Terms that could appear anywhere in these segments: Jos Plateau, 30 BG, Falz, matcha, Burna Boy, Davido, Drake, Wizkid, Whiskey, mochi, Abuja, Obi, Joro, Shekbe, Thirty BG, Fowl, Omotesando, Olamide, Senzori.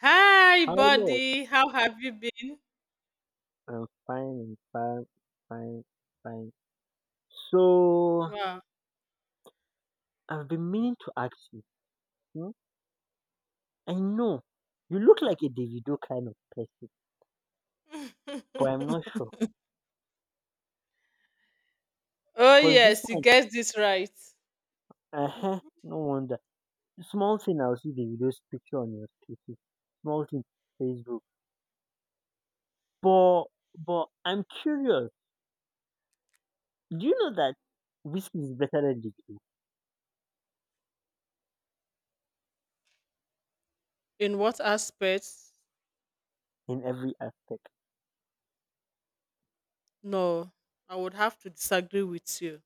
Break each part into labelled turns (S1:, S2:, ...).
S1: Hi,
S2: Hello,
S1: buddy. How have you been?
S2: I'm fine, fine, fine. So
S1: Wow.
S2: I've been meaning to ask you. Hmm? I know you look like a Davido kind of person, but I'm not sure.
S1: Oh,
S2: Cause this
S1: yes, you
S2: one,
S1: guessed this right.
S2: uh huh, no wonder. Small thing, I'll see Davido's picture on your status. Small thing, Facebook. But but I'm curious. Do you know that Whiskey is better than Davido
S1: In what aspects?
S2: in every aspect?
S1: No, I would have to disagree with you.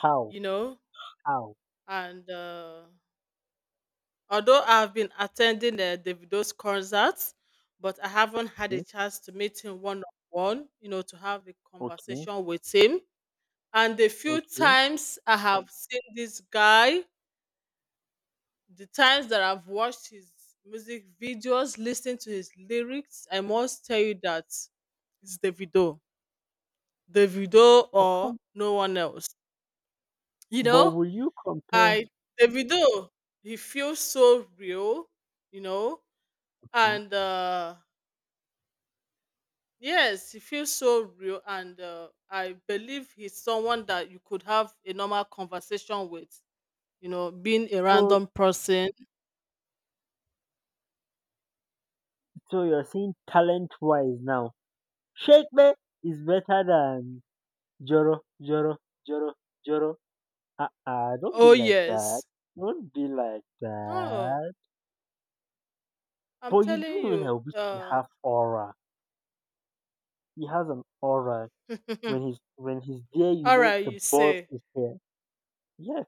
S2: How?
S1: You know,
S2: How?
S1: and although I've been attending Davido's concerts, but I haven't had a
S2: Hmm?
S1: chance to meet him one on one, to have a
S2: Okay,
S1: conversation with him. And the few
S2: okay.
S1: times I have seen this guy, the times that I've watched his music videos, listened to his lyrics, I must tell you that it's Davido. Davido
S2: But
S1: or
S2: come.
S1: no one else. You
S2: But
S1: know,
S2: will you compare?
S1: I Davido, he feels so real, you know, and yes, he feels so real and I believe he's someone that you could have a normal conversation with, being a
S2: So,
S1: random person.
S2: so, you're saying talent wise now, Shekbe is better than Joro, Joro, Joro, Joro. Ah, don't be
S1: Oh
S2: like that.
S1: yes.
S2: Don't be like
S1: No,
S2: that.
S1: I'm
S2: But you do
S1: telling
S2: know that
S1: you.
S2: Obi can have aura. He has an aura. When he's there, you
S1: All
S2: know
S1: right,
S2: the
S1: you
S2: boss
S1: say.
S2: is there. Yes,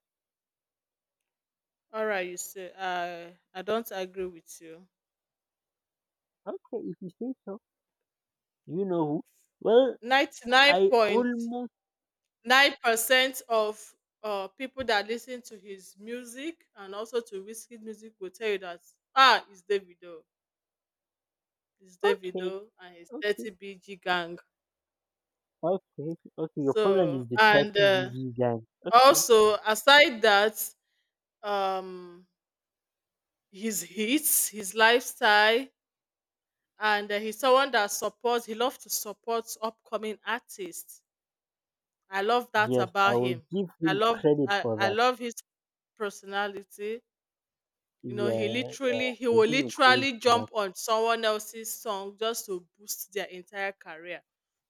S1: All right, you say. I don't agree with you.
S2: okay, if you say so. You know who? Well,
S1: Ninety nine
S2: I
S1: point
S2: almost
S1: nine percent of people that listen to his music and also to whiskey music will tell you that ah, it's Davido, it's
S2: okay,
S1: Davido and his
S2: okay.
S1: 30BG gang.
S2: Okay, okay, your problem is
S1: So
S2: the
S1: and
S2: 30 BG gang. Okay,
S1: also aside that, um, his hits, his lifestyle and he's someone that supports he loves to support upcoming artists. I love that
S2: yes, I
S1: about
S2: will
S1: him.
S2: give
S1: i
S2: him
S1: love
S2: credit
S1: I,
S2: for
S1: I
S2: that.
S1: love his personality. you know he
S2: Yeah, yeah,
S1: literally he
S2: I
S1: will
S2: give him credit
S1: literally
S2: for that.
S1: jump on someone else's song just to boost their entire career.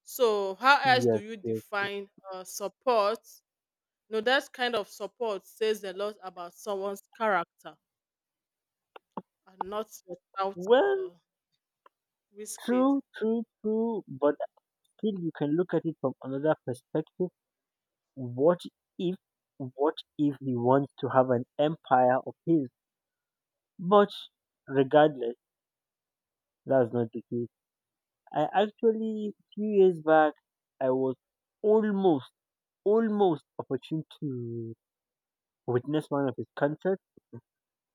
S1: So how else do
S2: Yes,
S1: you
S2: yes, yes.
S1: define support? No, that kind of support says a lot about someone's character and not without
S2: Well,
S1: uh, risk.
S2: true, true, true, but still you can look at it from another perspective. What if, what if he wants to have an empire of his? But regardless, that's not the case. I actually, few years back, I was almost almost opportune to witness one of his concerts.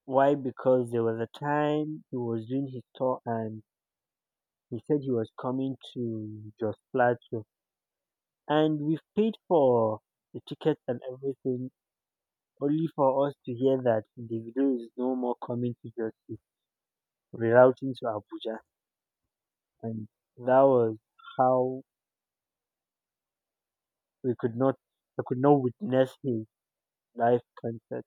S2: Why? Because there was a time he was doing his tour and he said he was coming to Jos Plateau. And we've paid for the tickets and everything only for us to hear that Davido is no more coming to Jos, he's rerouting to Abuja. And that was how we could not, I could not witness his live concert.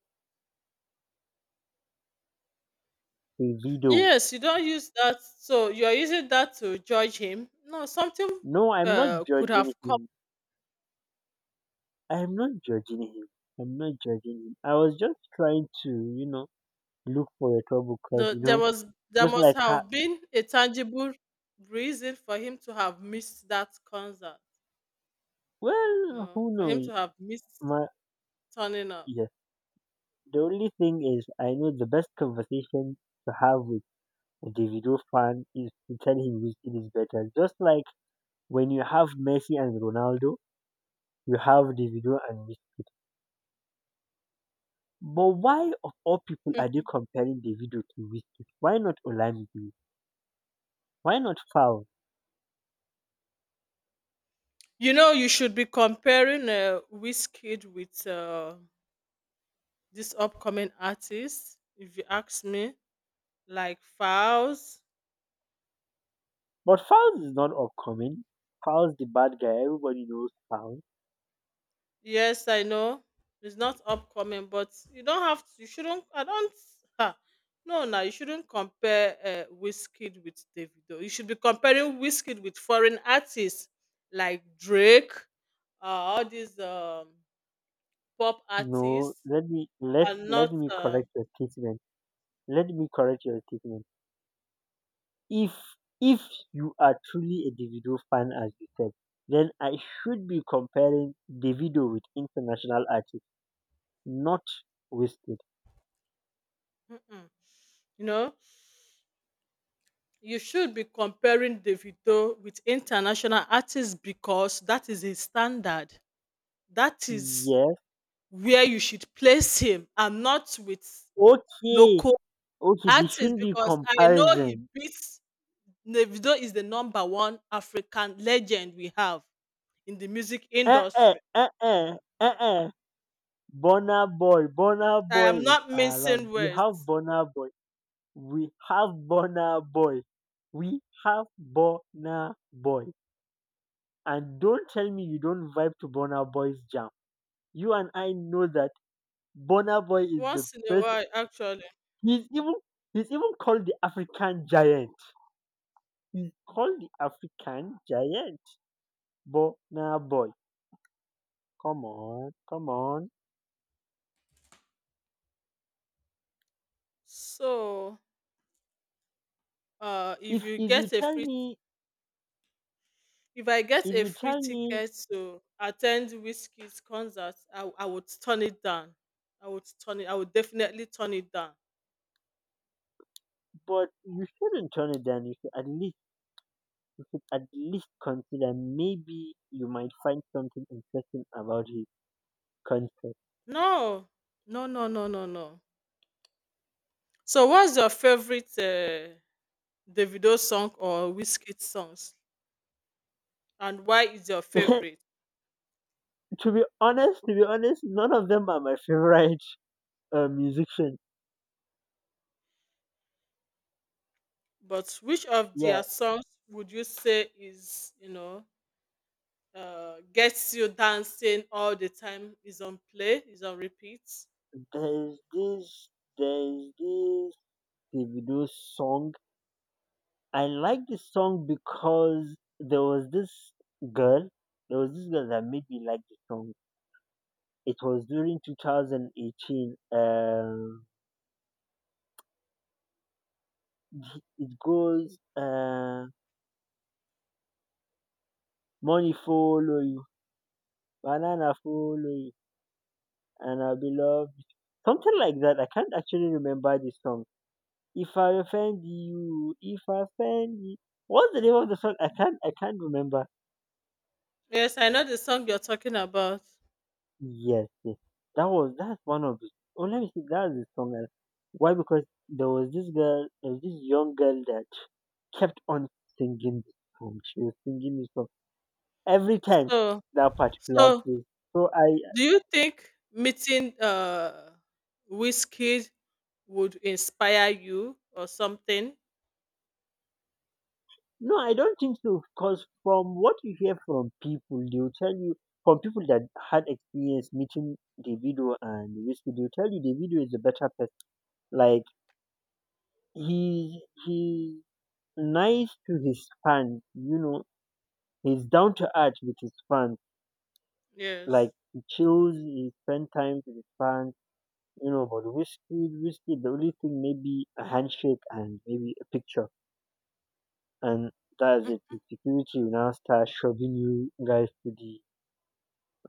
S2: Davido.
S1: Yes, you don't use that. So you are using that to judge him. No, something
S2: No, I'm not
S1: could
S2: judging
S1: have come.
S2: him. I'm not judging him. I'm not judging him. I was just trying to, you know, look for your trouble because,
S1: The,
S2: you
S1: there
S2: know,
S1: was there
S2: just
S1: must
S2: like how,
S1: have been a tangible reason for him to have missed that concert. You
S2: well,
S1: know,
S2: who
S1: for him
S2: knows?
S1: to have missed
S2: My,
S1: turning up.
S2: yes. The only thing is, I know the best conversation to have with a Davido fan is to tell him which it is better. Just like when you have Messi and Ronaldo, you have Davido and Wizkid. But why, of all people, are they comparing Davido to Wizkid? Why not Olamide? Why not Fowl?
S1: You should be comparing Wizkid with this upcoming artist, if you ask me, like Files.
S2: But Foul's is not upcoming. Foul's the bad guy. Everybody knows Falz.
S1: Yes, I know it's not upcoming, but you don't have to. You shouldn't. I don't. Ha. No, no, you shouldn't compare Wizkid with Davido. You should be comparing Wizkid with foreign artists like Drake, all these pop
S2: No,
S1: artists, and not.
S2: let me correct your statement. Let me correct your statement. If if you are truly a Davido fan as you said, then I should be comparing Davido with international artists, not Wasted.
S1: Mm-mm, you know. You should be comparing Davido with international artists because that is his standard. That is
S2: Yes.
S1: where you should place him and not with
S2: Okay.
S1: local
S2: Okay, there
S1: artists
S2: shouldn't be
S1: because I know he
S2: comparison.
S1: beats Davido is the number one African legend we have in the music
S2: Uh uh
S1: industry.
S2: uh uh uh uh Burna Boy, Burna
S1: I
S2: Boy
S1: am
S2: is
S1: not
S2: around.
S1: mincing
S2: We have
S1: words.
S2: Burna Boy. We have Burna Boy. We have Burna Boy. And don't tell me you don't vibe to Burna Boy's jam. You and I know that Burna Boy is the
S1: Once in a
S2: best.
S1: while, actually.
S2: He's even he's even called the African giant. He's called the African giant. Burna Boy. Come on, come on.
S1: So, if
S2: If
S1: you
S2: if you
S1: get a
S2: tell
S1: free
S2: me
S1: If I get
S2: if
S1: a
S2: you
S1: free
S2: tell me
S1: ticket to attend Whiskey's concert, I would turn it down. I would turn it. I would definitely turn it down.
S2: but you shouldn't turn it down. You should at least consider. Maybe you might find something interesting about his concept.
S1: No, no, no, no, no, no. So, what's your favorite Davido song or Wizkid songs, and why is your favorite?
S2: To be honest, none of them are my favorite musician.
S1: But which of
S2: Yeah,
S1: their songs would you say is you know gets you dancing all the time? Is on play? Is on repeat?
S2: there's this, there's this Davido song. I like this song because girl, there was this girl that made me like the song. It was during 2018. It goes, money follow Banana foley and I'll be loved. Something like that. I can't actually remember the song. If I offend you. What's the name of the song? I can't remember.
S1: Yes, I know the song you're talking about.
S2: Yes, yes. That's one of the oh let me see, that's the song. I- Why? Because there was this young girl that kept on singing the song. She was singing the song every time
S1: So
S2: that particular
S1: So,
S2: place. So I
S1: do you think meeting Whiskey would inspire you or something?
S2: no, I don't think so. Because from what you hear from people, they'll tell you, from people that had experience meeting Davido and Whiskey, they'll tell you Davido is a better person. Like, he's nice to his fans, you know, he's down to earth with his fans. Like,
S1: Yes.
S2: he chills, he spends time with his fans, you know, but Whiskey, Whiskey, the only thing maybe a handshake and maybe a picture. And that's
S1: Mm.
S2: it. The security will now start shoving you guys to the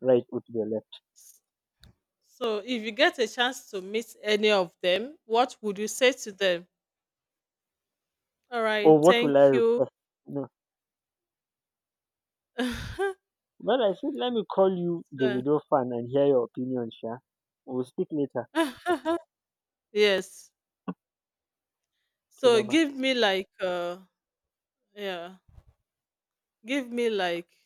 S2: right or to the left?
S1: So, if you get a chance to meet any of them, what would you say to them? All right,
S2: Or what will I
S1: thank you.
S2: request? No. Well, I said let me call you
S1: So-
S2: Davido fan and hear your opinion, sha. We'll speak later.
S1: yes.
S2: Okay,
S1: So,
S2: bye
S1: give
S2: bye.
S1: me like yeah, give me like